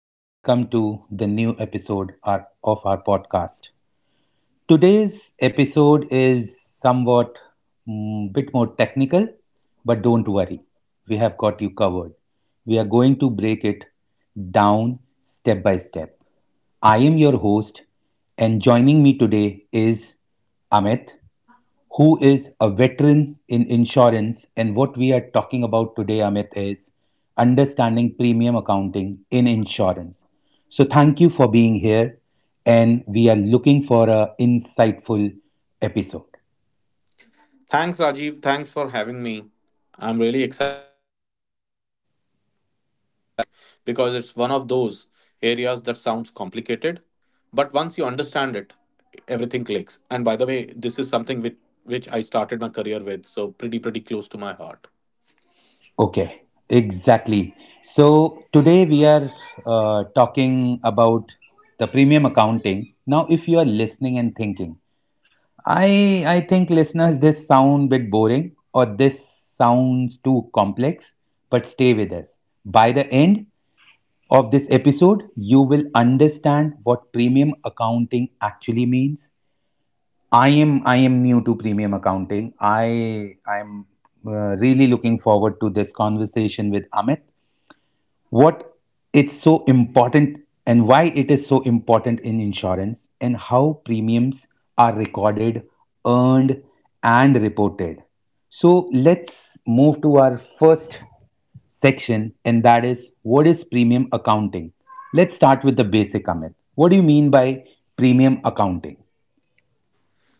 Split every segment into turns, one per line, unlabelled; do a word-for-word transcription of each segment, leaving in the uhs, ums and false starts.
and welcome to the new episode of our podcast. Today's episode is somewhat mm, bit more technical, but don't worry, we have got you covered. We are going to break it down step by step. I am your host, and joining me today is Amit, who is a veteran in insurance. And what we are talking about today, Amit, is understanding premium accounting in insurance. So thank you for being here. And we are looking for an insightful episode.
Thanks, Rajiv. Thanks for having me. I'm really excited about today's topic because it's one of those areas that sounds complicated, but once you understand it, everything clicks. And by the way, this is something with which I started my career with, so pretty pretty close to my heart.
Okay, exactly. So today we are uh, talking about the premium accounting. Now, if you are listening and thinking, I I think listeners, this sound bit boring or this sounds too complex, but stay with us. By the end of this episode, you will understand what premium accounting actually means. I am I am new to premium accounting. I I'm uh, really looking forward to this conversation with Amit what it's so important and why it is so important in insurance and how premiums are recorded, earned, and reported. So let's move to our first section, and that is, what is premium accounting? Let's start with the basic, Amit. What do you mean by premium accounting?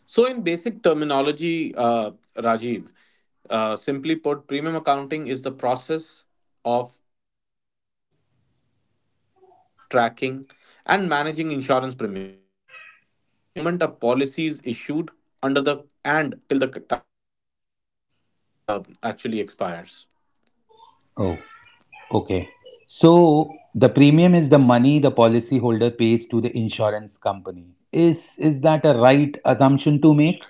So, in basic terminology, uh, Rajiv, uh, simply put, premium accounting is the process of recording, tracking, and managing insurance premiums from the moment a policy is issued under the and till the time the coverage uh, actually expires.
Oh, okay. So the premium is the money the policyholder pays to the insurance company. Is is that a right assumption to make?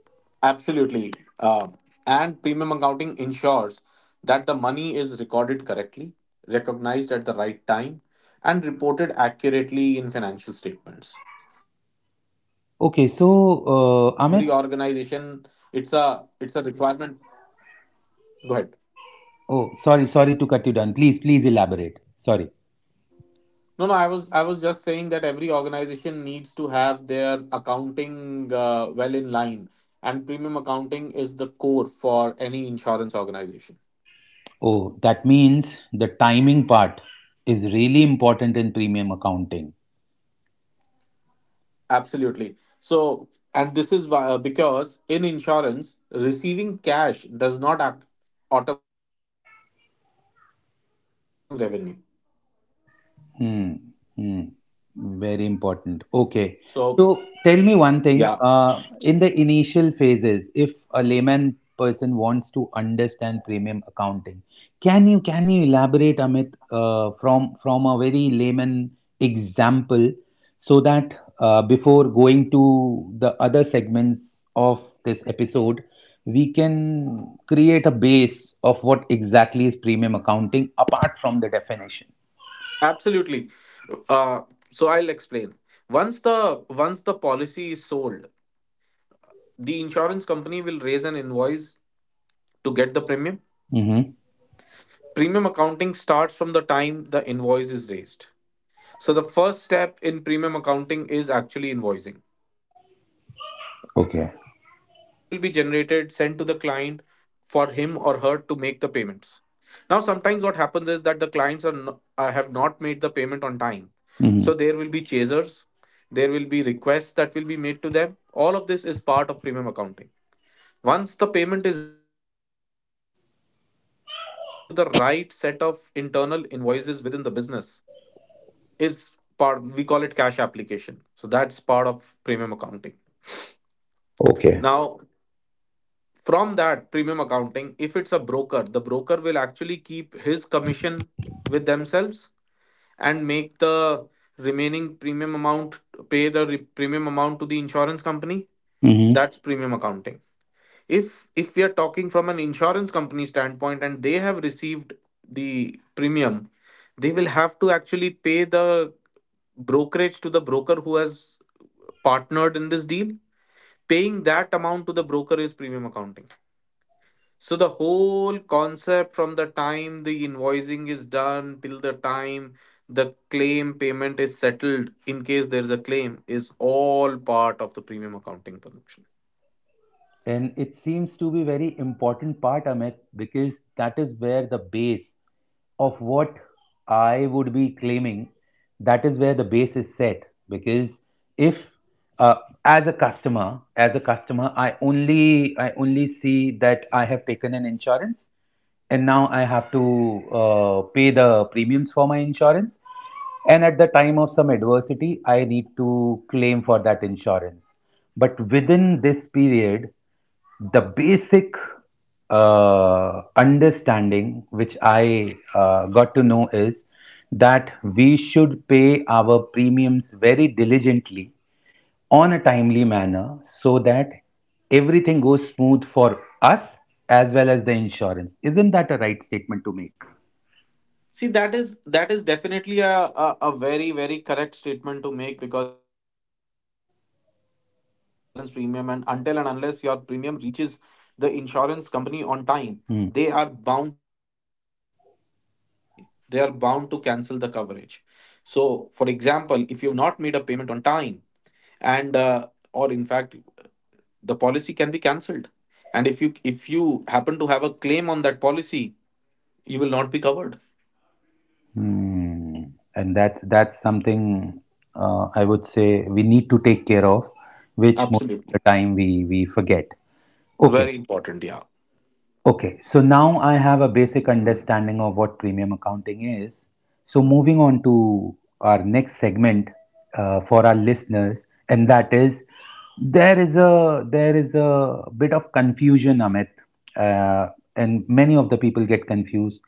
Absolutely. Uh, and premium accounting ensures that the money is recorded correctly, recognized at the right time, and reported accurately in financial statements. So you would understand that
Okay.
every
So
organization,
uh, Amit,
it's a it's a requirement. Go ahead.
oh sorry, sorry to cut you down. Please, please elaborate. Sorry.
No, no, I was I was just saying that every organization needs to have their accounting uh, well in line, and premium accounting is the core for any insurance organization.
Oh, that means the timing part is really important in premium accounting.
Absolutely. So, and this is why, uh, because in insurance, receiving cash does not ac- automatically means earning revenue.
Hmm. Hmm. Very important.
So,
Okay. So tell
yeah,
me one thing. Uh, in the initial phases, if a layman person wants to understand premium accounting, can you can you elaborate, Amit, uh, from from a very layman example, so that uh, before going to the other segments of this episode, we can create a base of what exactly is premium accounting apart from the definition.
absolutely. Uh, so I'll explain. Once the once the policy is sold, the insurance company will raise an invoice to get the premium.
Mm-hmm.
Premium accounting starts from the time the invoice is raised. So the first step in premium accounting is actually invoicing. So the invoice will be
Okay.
generated, sent to the client for him or her to make the payments. Now, sometimes what happens is that the clients are no, uh, have not made the payment on time. So there
hmm
will be chasers, there will be requests that will be made to them. All of this is part of premium accounting. Once the payment is received, applying it to the right set of internal invoices within the business is part, we call it cash application. So that's part of premium accounting.
Okay.
Now, from that premium accounting, if it's a broker, the broker will actually keep his commission with themselves and make the remaining premium amount, pay the re- premium amount to the insurance company.
hmm
That's premium accounting. If if we are talking from an insurance company standpoint and they have received the premium, they will have to actually pay the brokerage to the broker who has partnered in this deal. Paying that amount to the broker is premium accounting. So the whole concept from the time the invoicing is done till the time the claim payment is settled in case there's a claim is all part of the premium accounting function.
And it seems to be very important part, Amit, because that is where the base of what I would be claiming, that is where the base is set. Because if uh, as a customer, as a customer, I only I only see that I have taken an insurance and now I have to uh, pay the premiums for my insurance. And at the time of some adversity, I need to claim for that insurance. But within this period, the basic uh, understanding which I uh, got to know is that we should pay our premiums very diligently on a timely manner so that everything goes smooth for us as well as the insurance. Isn't that a right statement to make?
See, that is that is definitely a, a, a very, very correct statement to make because you owe the insurance premium, and until and unless your premium reaches the insurance company on time, they are
Hmm.
bound to cancel your policy. They are bound to cancel the coverage. So, for example, if you've not made a payment on time, and uh, or in fact, the policy can be cancelled. And if you if you happen to have a claim on that policy, you will not be covered.
Hmm. And that's that's something uh, I would say we need to take care of, which most of the
Absolutely.
time we we forget. Okay.
Very important, yeah.
Okay, so now I have a basic understanding of what premium accounting is. So, moving on to our next segment uh, for our listeners, and that is there is a there is a bit of confusion, Amit, uh, and many of the people get confused.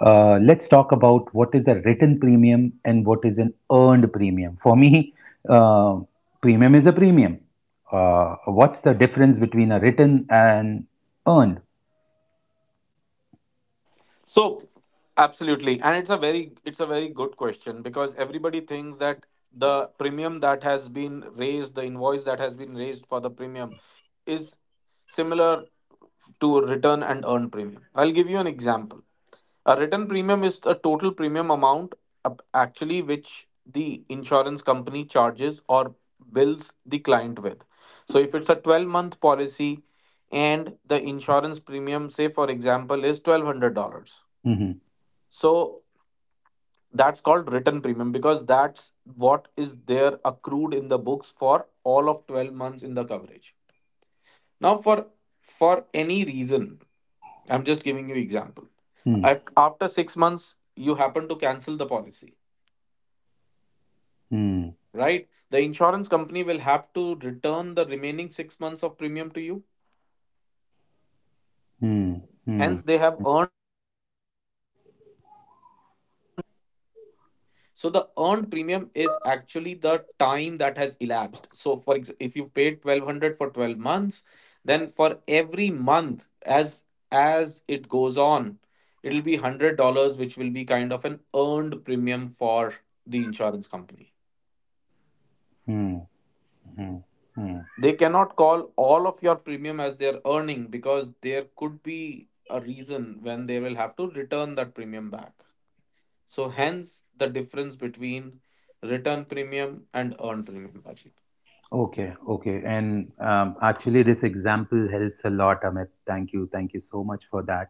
Uh, let's talk about, what is a written premium and what is an earned premium? For me, uh, premium is a premium. Uh, what's the difference between a written and earned?
So absolutely. And it's a very it's a very good question because everybody thinks that the premium that has been raised, the invoice that has been raised for the premium is similar to return and earn premium. I'll give you an example. A written premium is a total premium amount, uh, actually, which the insurance company charges or bills the client with. So if it's a twelve month policy and the insurance premium, say for example, is twelve hundred dollars.
Mhm.
So that's called written premium because that's what is there accrued in the books for all of twelve months in the coverage. Now, for for any reason, I'm just giving you example.
Hmm.
If after six months you happen to cancel the policy,
Hmm.
right? The insurance company will have to return the remaining six months of premium to you.
Hmm. Hmm.
Hence, they have earned only six hundred dollars. So the earned premium is actually the time that has elapsed. So for ex- if you've paid twelve hundred for twelve months, then for every month, as as it goes on, it'll be one hundred dollars which will be kind of an earned premium for the insurance company.
Hmm. Hmm. Mm.
They cannot call all of your premium as their earning because there could be a reason when they will have to return that premium back. So hence the difference between return premium and earned premium, Ajit.
Okay, okay. And um, actually, this example helps a lot, Amit. Thank you. Thank you so much for that.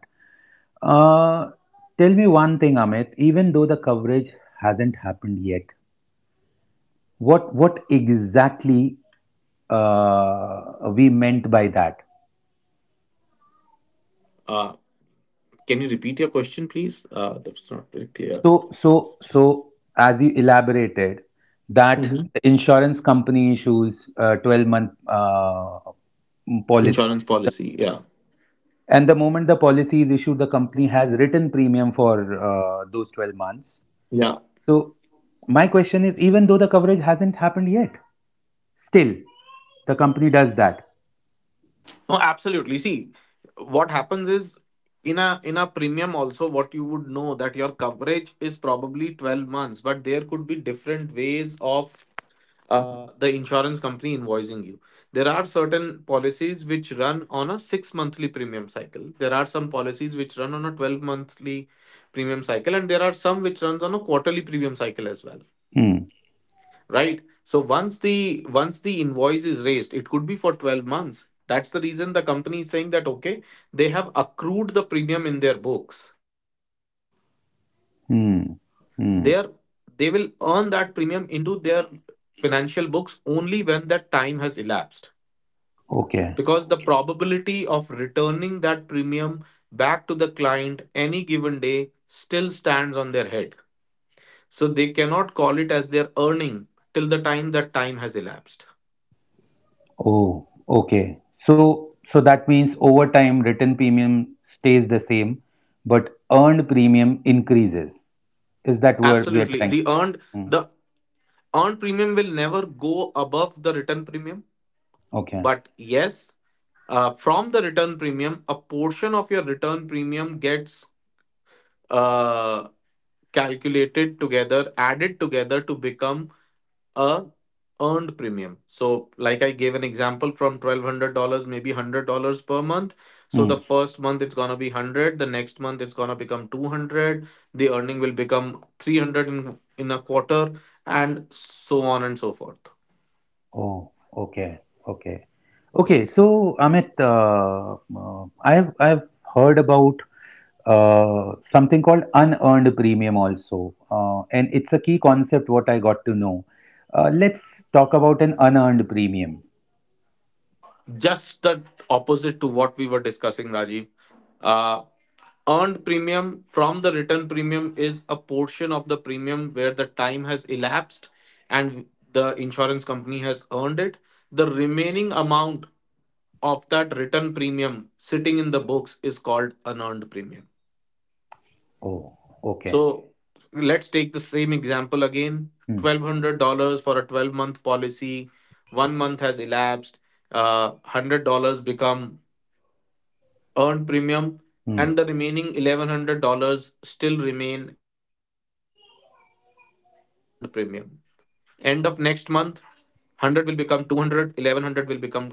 Uh, Tell me one thing, Amit. Even though the coverage hasn't happened yet, what what exactly uh, we meant by that?
Uh, can you repeat your question, please? Uh, that's not very clear.
So, so, so, as you elaborated, that
Mhm.
the insurance company issues a twelve month uh, policy.
Insurance policy, yeah,
And the moment the policy is issued, the company has written premium for uh, those twelve months.
yeah.
So, my question is, even though the coverage hasn't happened yet, still the company does that.
No, absolutely. See, what happens is, in a in a premium also, what you would know, that your coverage is probably twelve months, but there could be different ways of uh, the insurance company invoicing you. There are certain policies which run on a six monthly premium cycle. There are some policies which run on a twelve monthly premium cycle, and there are some which runs on a quarterly premium cycle as well.
Hmm.
Right. So once the once the invoice is raised, it could be for twelve months. That's the reason the company is saying that, okay, they have accrued the premium in their books. However, they are
Hmm.
they will
Hmm.
earn that premium into their financial books only when that time has elapsed,
Okay.
because the probability of returning that premium back to the client any given day still stands on their head, so they cannot call it as their earning till the time that time has elapsed.
Oh, okay. So, so that means over time, written premium stays the same, but earned premium increases. Is that where we are
Absolutely, the
trying?
earned
Hmm.
the earned premium will never go above the return premium,
Okay.
but yes, uh, from the return premium, a portion of your return premium gets uh, calculated together, added together to become a earned premium. So, like I gave an example, from twelve hundred dollars, maybe one hundred dollars per month. So the
Hmm.
first month it's gonna be one hundred, the next month it's gonna become two hundred, the earning will become three hundred in in a quarter, and so on and so forth.
Oh, okay, okay, okay. So, Amit, uh, uh, I've I've heard about uh, something called unearned premium also, uh, and it's a key concept. What I got to know. Uh, let's talk about an unearned premium.
Just the opposite to what we were discussing, Rajiv. Uh, Earned premium from the written premium is a portion of the premium where the time has elapsed and the insurance company has earned it. The remaining amount of that written premium sitting in the books is called unearned premium.
Oh, okay.
So let's take the same example again.
Hmm.
twelve hundred dollars for a twelve month policy, one month has elapsed. Uh, one hundred dollars become earned premium
Hmm.
and the remaining eleven hundred dollars still remain as unearned premium. End of next month, one hundred will become two hundred, eleven hundred will become one thousand.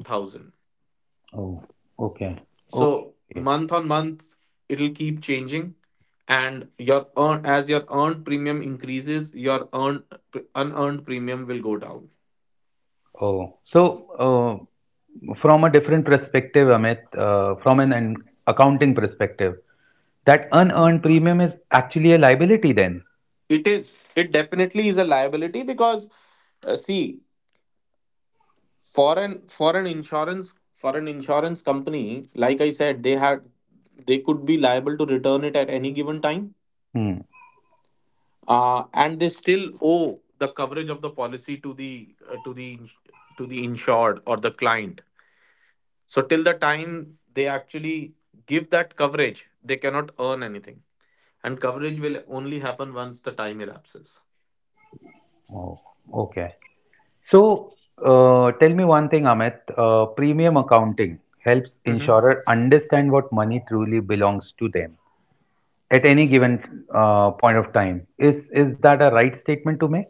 Oh, okay.
So
Okay.
month on month, it'll keep changing, and your earn as your earned premium increases, your earned unearned premium will go down.
Oh, so uh, from a different perspective, Amit, uh, from an an accounting perspective, that unearned premium is actually a liability then.
It is. It definitely is a liability because uh, see, foreign foreign insurance foreign insurance company, like I said, they had they could be liable to return it at any given time.
Hmm.
uh, and they still owe the coverage of the policy to the uh, to the ins- to the insured or the client, so till the time they actually give that coverage, they cannot earn anything, and coverage will only happen once the time elapses.
Oh, okay. So, uh, tell me one thing, Amit. Uh, premium accounting helps insurer understand what money truly belongs to them at any given uh, point of time. Is is that a right statement to make?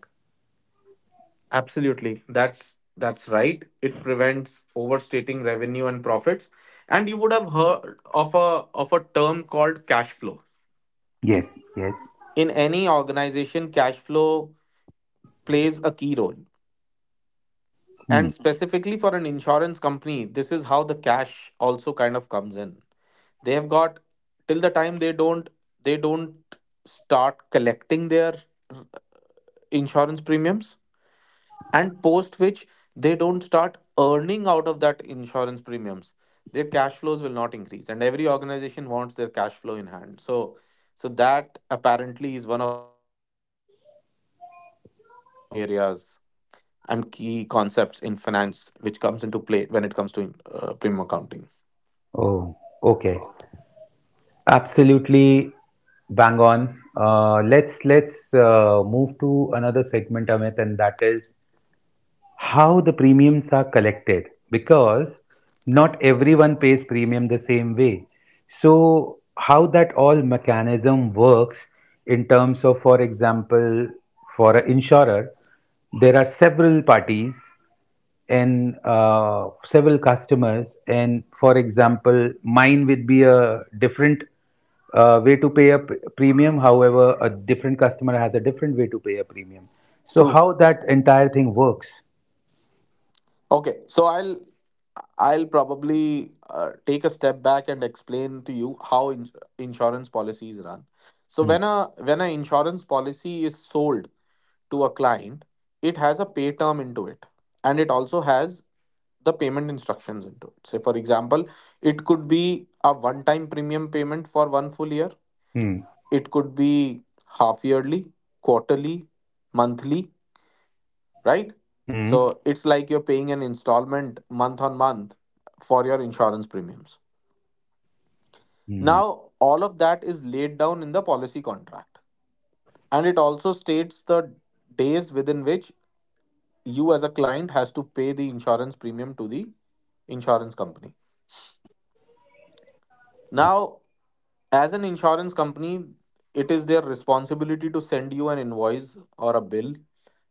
Absolutely. That's that's right. It prevents overstating revenue and profits. And you would have heard of a of a term called cash flow.
Yes. Yes.
In any organization, cash flow plays a key role.
Hmm.
And specifically for an insurance company, this is how the cash also kind of comes in. They have got, till the time they don't they don't start collecting their insurance premiums, and post which they don't start earning out of that insurance premiums, their cash flows will not increase, and every organization wants their cash flow in hand. So so that apparently is one of the key uh, areas and key concepts in finance which comes into play when it comes to uh, premium accounting.
Oh, okay. Absolutely bang on. Uh, let's let's uh, move to another segment, Amit, and that is how the premiums are collected, because not everyone pays premium the same way. So how that all mechanism works in terms of, for example, for an insurer, there are several parties and uh, several customers, and for example, mine would be a different uh, way to pay a pr- premium, however a different customer has a different way to pay a premium. So
True.
how that entire thing works.
Okay, so I'll I'll probably uh, take a step back and explain to you how in insurance policies run. So
Mm,
when a when an insurance policy is sold to a client, it has a pay term into it, and it also has the payment instructions into it. Say, for example, it could be a one-time premium payment for one full year.
mm,
It could be half yearly, quarterly, monthly, right?
mm,
So it's like you're paying an installment month on month for your insurance premiums.
mm,
Now, all of that is laid down in the policy contract. And it also states the days within which you as a client has to pay the insurance premium to the insurance company.
okay.
Now, as an insurance company, it is their responsibility to send you an invoice or a bill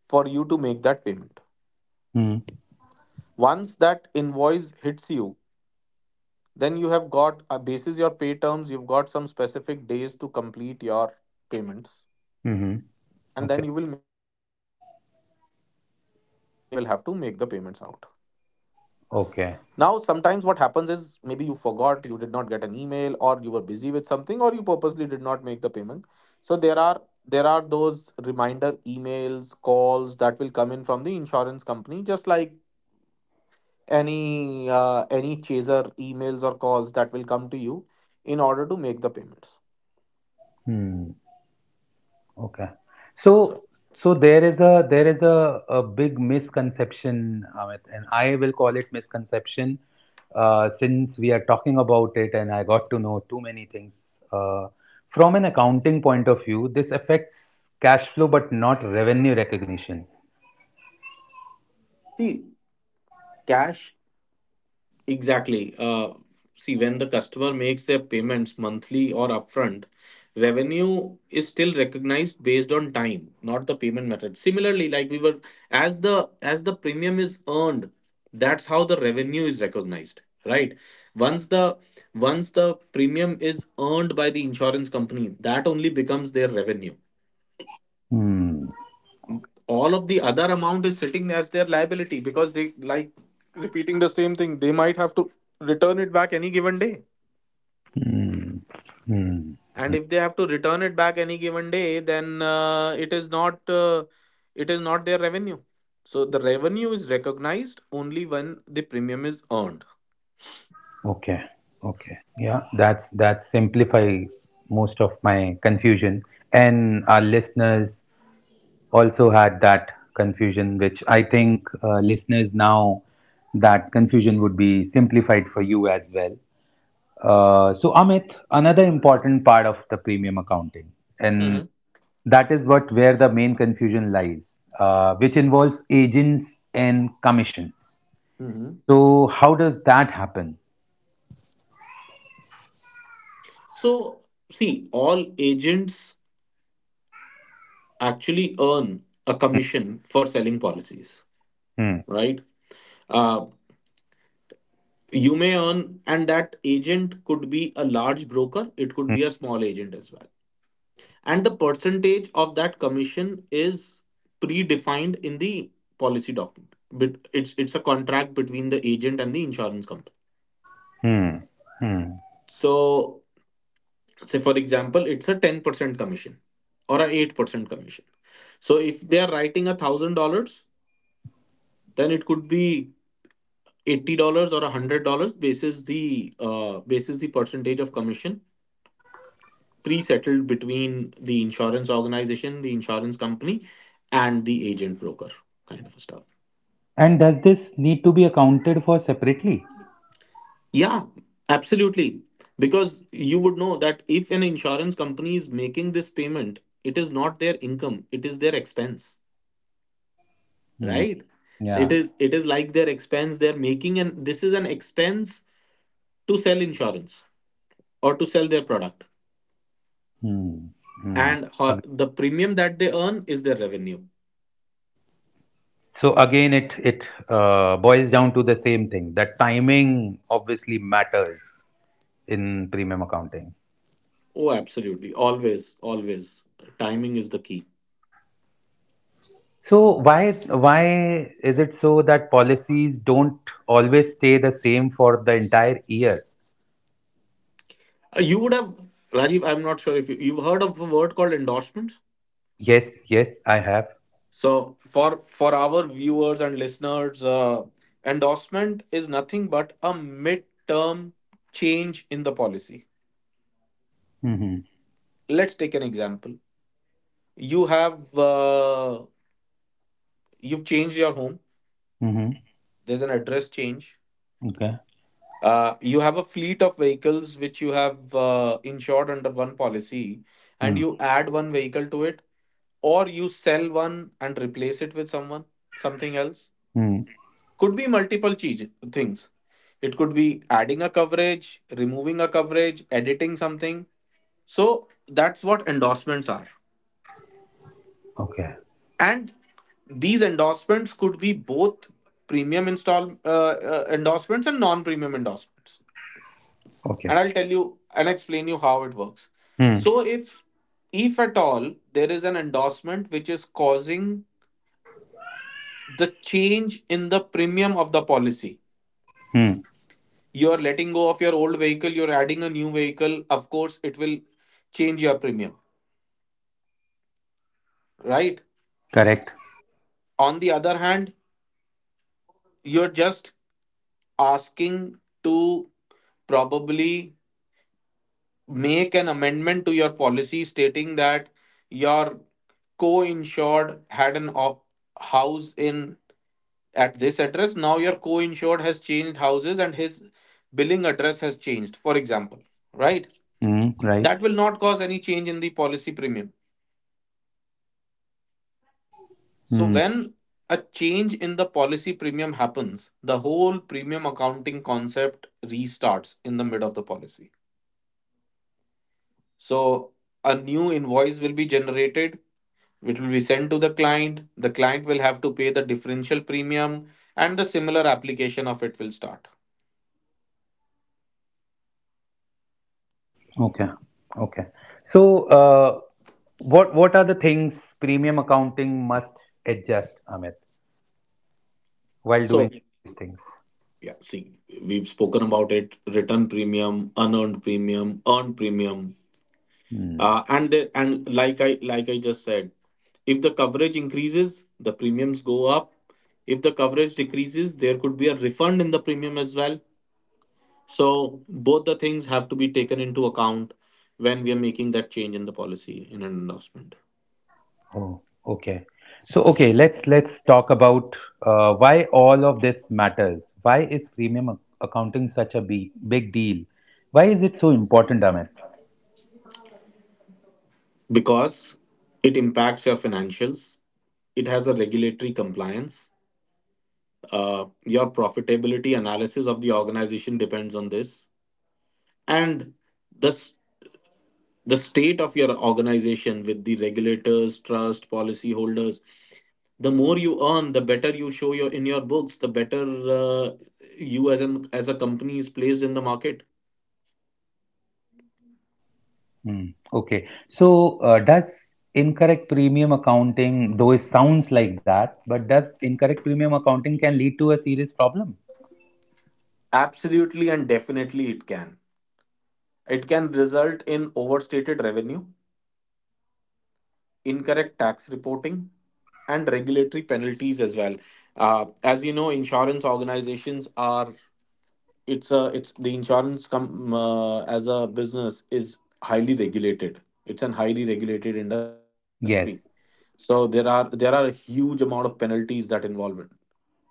for you to make that payment.
Mm,
Once that invoice hits you, then you have got, a basis your pay terms, you've got some specific days to complete your payments.
mhm.
And
Okay.
then you will make you as a client will have to make the payments out. Now, sometimes what
Okay.
happens is maybe you forgot, you did not get an email, or you were busy with something, or you purposely did not make the payment. So there are there are those reminder emails, calls that will come in from the insurance company, just like any uh, any chaser emails or calls that will come to you in order to make the payments.
Hmm. Okay.
So,
So, so there is a there is a, a big misconception, Amit, and I will call it misconception, uh, since we are talking about it, and I got to know too many things. Uh, from an accounting point of view, this affects cash flow, but not revenue recognition.
see, cash— exactly. Uh, see, when the customer makes their payments monthly or upfront, revenue is still recognized based on time, not the payment method. Similarly, like we were, as the as the premium is earned, that's how the revenue is recognized, right? Once the once the premium is earned by the insurance company, that only becomes their revenue.
Hmm.
All of the other amount is sitting as their liability because they, like, repeating the same thing, they might have to return it back any given day.
Hmm. Hmm.
And if they have to return it back any given day, then uh, it is not uh, it is not their revenue. So the revenue is recognized only when the premium is earned.
Okay. Okay. Yeah, that's that simplifies most of my confusion. And our listeners also had that confusion, which I think uh, listeners, now that confusion would be simplified for you as well. Uh, so, Amit, another important part of the premium accounting, and
Mhm.
that is what where the main confusion lies, uh, which involves agents and commissions.
Mhm.
So, how does that happen?
So see, all agents actually earn a commission for selling policies,
Hmm.
right? Uh, you may earn, and that agent could be a large broker, it could be a small agent as well. And the percentage of that commission is predefined in the policy document, but it's it's a contract between the agent and the insurance company.
Hmm. Hmm.
So say for example it's a ten percent commission or a eight percent commission. So if they are writing a thousand dollars, then it could be eighty dollars or a hundred dollars basis the uh, basis the percentage of commission pre-settled between the insurance organization, the insurance company, and the agent broker kind of stuff.
And does this need to be accounted for separately?
Yeah, absolutely. Because you would know that if an insurance company is making this payment, it is not their income, it is their expense,
Hmm.
right? It
Yeah.
is it is like their expense they're making, and this is an expense to sell insurance or to sell their product.
Hmm. Hmm.
And ho-
Ag-
the premium that they earn is their revenue.
So again, it it uh, boils down to the same thing, that timing obviously matters in premium accounting.
Oh, absolutely. Always, always. Timing is the key.
So, why why is it so that policies don't always stay the same for the entire year?
Uh, You would have, Rajiv— I'm not sure if you, you've heard of a word called endorsements.
Yes, yes, I have.
So for for our viewers and listeners, uh, endorsement is nothing but a mid-term change in the policy.
Mm-hmm.
Let's take an example. You have uh, you've changed your home.
Mm-hmm.
There's an address change.
Okay.
Uh, you have a fleet of vehicles which you have uh, insured under one policy, and you add one vehicle to it, or you sell one and replace it with someone, something else.
Mm-hmm.
Could be multiple cheez- things. It could be adding a coverage, removing a coverage, editing something. So that's what endorsements are.
Okay.
And these endorsements could be both premium install uh, uh, endorsements and non-premium endorsements,
Okay.
and I'll tell you and explain you how it works. So if if at all there is an endorsement which is causing the change in the premium of the policy,
Mm-hmm.
you are letting go of your old vehicle, you're adding a new vehicle, of course it will change your premium, right?
Correct.
On the other hand, you're just asking to probably make an amendment to your policy stating that your co-insured had an op- house in at this address. Now your co-insured has changed houses and his billing address has changed, for example, right?
Mm-hmm. Right.
That will not cause any change in the policy premium. So
Hmm.
when a change in the policy premium happens, the whole premium accounting concept restarts in the mid of the policy. So a new invoice will be generated, which will be sent to the client. The client will have to pay the differential premium, and the similar application of it will start.
Okay. Okay. So, uh, what what are the things premium accounting must adjust, Amit, while
So
doing these things?
yeah, see, we've spoken about it: return premium, unearned premium, earned premium,
Hmm.
uh, and the, and like I like I just said, if the coverage increases, the premiums go up. If the coverage decreases, there could be a refund in the premium as well. So both the things have to be taken into account when we are making that change in the policy in an endorsement,
Oh, okay. So, okay, let's let's talk about uh, why all of this matters. Why is premium ac- accounting such a be- big deal? Why is it so important, Amit?
because it impacts your financials. It has a regulatory compliance. Uh, your profitability analysis of the organization depends on this, and the s- the state of your organization with the regulators, trust, policy holders. The more you earn, the better you show your in your books. The better uh, you as an as a company is placed in the market.
Hmm. Okay. So, uh, does incorrect premium accounting, though it sounds like that, but does incorrect premium accounting can lead to a serious problem?
Absolutely and definitely, it can. It can result in overstated revenue, incorrect tax reporting, and regulatory penalties as well. Uh, as you know, insurance organizations are— it's a it's the insurance com uh, as a business is highly regulated, it's an highly regulated industry.
Yes.
So there are there are a huge amount of penalties that involve it as well.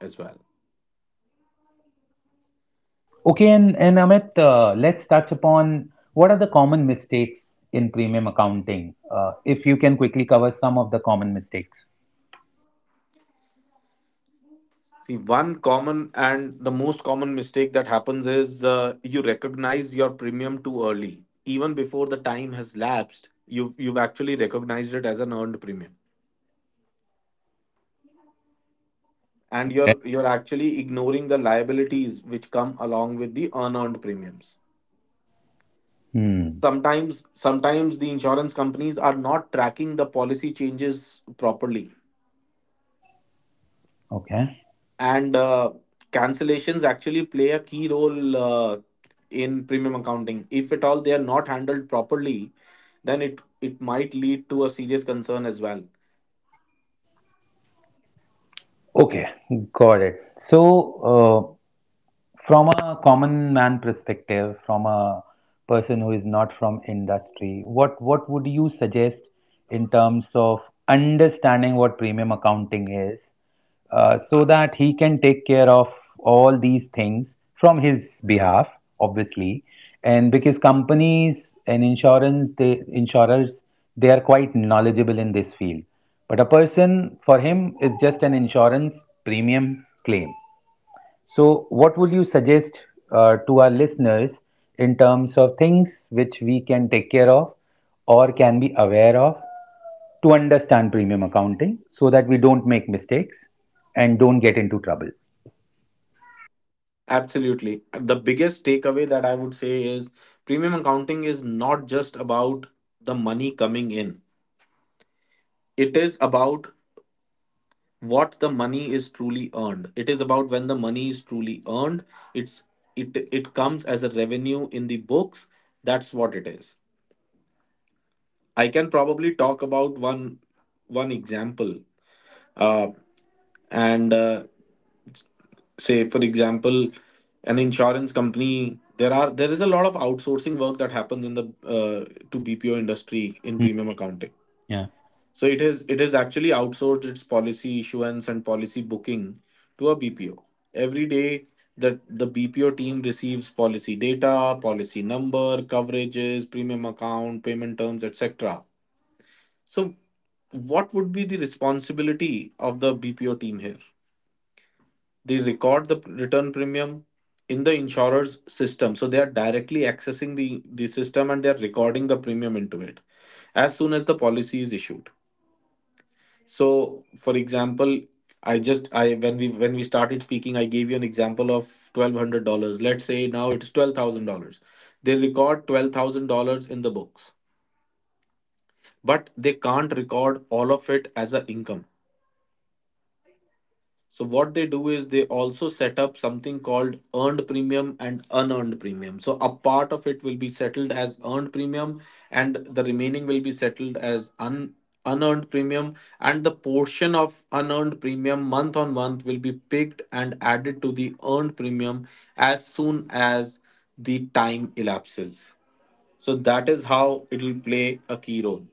Okay, and, and Amit, uh, let's touch upon what are the common mistakes in premium accounting. Uh, if you can quickly cover some of the common mistakes.
See, one common and the most common mistake that happens is uh, you recognize your premium too early, even before the time has lapsed. You've you've actually recognized it as an earned premium, and
Okay.
you're you're actually ignoring the liabilities which come along with the unearned premiums.
Hmm.
Sometimes sometimes the insurance companies are not tracking the policy changes properly,
Okay.
and uh, cancellations actually play a key role uh, in premium accounting. If at all they are not handled properly, then it it might lead to a serious concern as well.
Okay. Got it. So, from a common man perspective, from a person who is not from industry, what what would you suggest in terms of understanding what premium accounting is, uh, so that he can take care of all these things from his behalf, obviously, and because companies and insurance, they insurers, they are quite knowledgeable in this field. But a person, for him, is just an insurance premium claim. So, what would you suggest uh, to our listeners in terms of things which we can take care of or can be aware of to understand premium accounting, so that we don't make mistakes and don't get into trouble?
Absolutely. The biggest takeaway that I would say is premium accounting is not just about the money coming in, it is about what the money is truly earned, it is about when the money is truly earned. It's it it comes as a revenue in the books. That's what it is. I can probably talk about one one example. Uh, and uh, say for example, an insurance company— there are there is a lot of outsourcing work that happens in the uh, to BPO industry in
Mm,
premium accounting.
yeah,
So it is it is actually outsourced its policy issuance and policy booking to a B P O. Every day that the B P O team receives policy data, policy number, coverages, premium account, payment terms, et cetera. So what would be the responsibility of the B P O team here? They record the return premium in the insurer's system. So they are directly accessing the, the system, and they are recording the premium into it as soon as the policy is issued. So, for example, I just I when we when we started speaking, I gave you an example of twelve hundred dollars. Let's say now it's twelve thousand dollars. They record twelve thousand dollars in the books, but they can't record all of it as a income. So what they do is they also set up something called earned premium and unearned premium. So a part of it will be settled as earned premium, and the remaining will be settled as un unearned premium, and the portion of unearned premium month on month will be picked and added to the earned premium as soon as the time elapses. So that is how it will play a key role.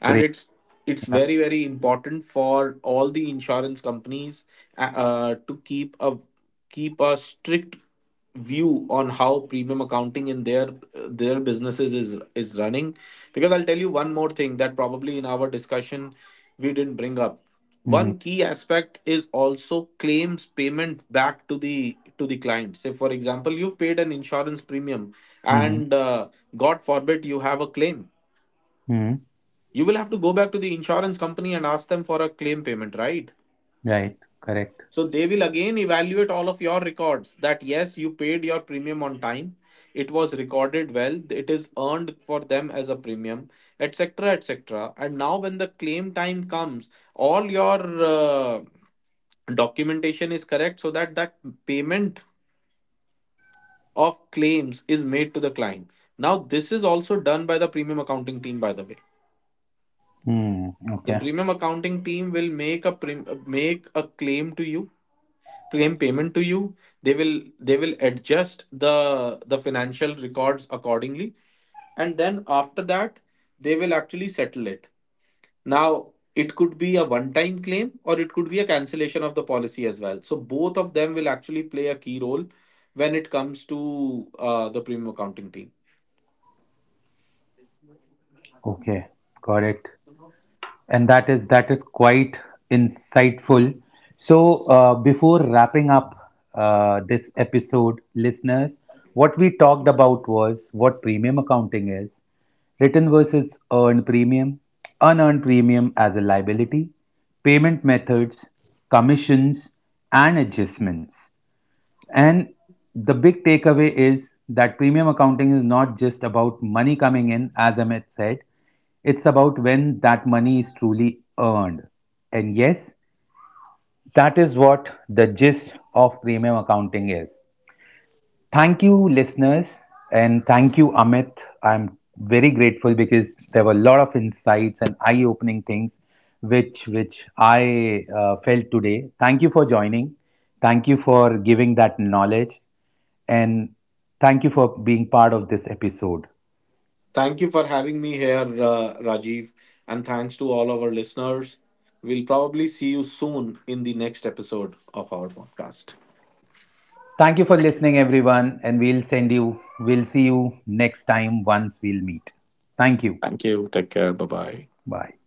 And
great.
it's it's
Yeah.
very very important for all the insurance companies uh, uh, to keep a keep a strict view on how premium accounting in their their businesses is is running. Because I'll tell you one more thing that probably in our discussion we didn't bring up.
Mm-hmm.
One key aspect is also claims payment back to the to the client. Say for example, you've paid an insurance premium,
Mm-hmm.
and uh, god forbid you have a claim,
Mm-hmm.
you will have to go back to the insurance company and ask them for a claim payment, right?
Right, correct.
So they will again evaluate all of your records, that yes, you paid your premium on time, it was recorded well, it is earned for them as a premium, et cetera, et cetera. And now, when the claim time comes, all your uh, documentation is correct, so that that payment of claims is made to the client. Now, this is also done by the premium accounting team, by the way.
Mm,
The
okay,
premium accounting team will make a prim- make a claim to you, claim payment to you. They will they will adjust the the financial records accordingly, and then after that they will actually settle it. Now, it could be a one time claim, or it could be a cancellation of the policy as well. So, both of them will actually play a key role when it comes to uh, the premium accounting team.
okay, got it. And that is that is quite insightful. So uh, before wrapping up uh, this episode, listeners, what we talked about was what premium accounting is, written versus earned premium, unearned premium as a liability, payment methods, commissions, and adjustments. And the big takeaway is that premium accounting is not just about money coming in, as Amit said, it's about when that money is truly earned. And yes, that is what the gist of premium accounting is. Thank you, listeners, and thank you, Amit. I'm very grateful because there were a lot of insights and eye-opening things which which I uh, felt today. Thank you for joining. Thank you for giving that knowledge, and thank you for being part of this episode.
Thank you for having me here, uh, Rajiv, and thanks to all our listeners. We'll probably see you soon in the next episode of our podcast.
Thank you for listening, everyone, and we'll send you. We'll see you next time once we'll meet. Thank you.
Thank you. Take care. Bye bye.
Bye.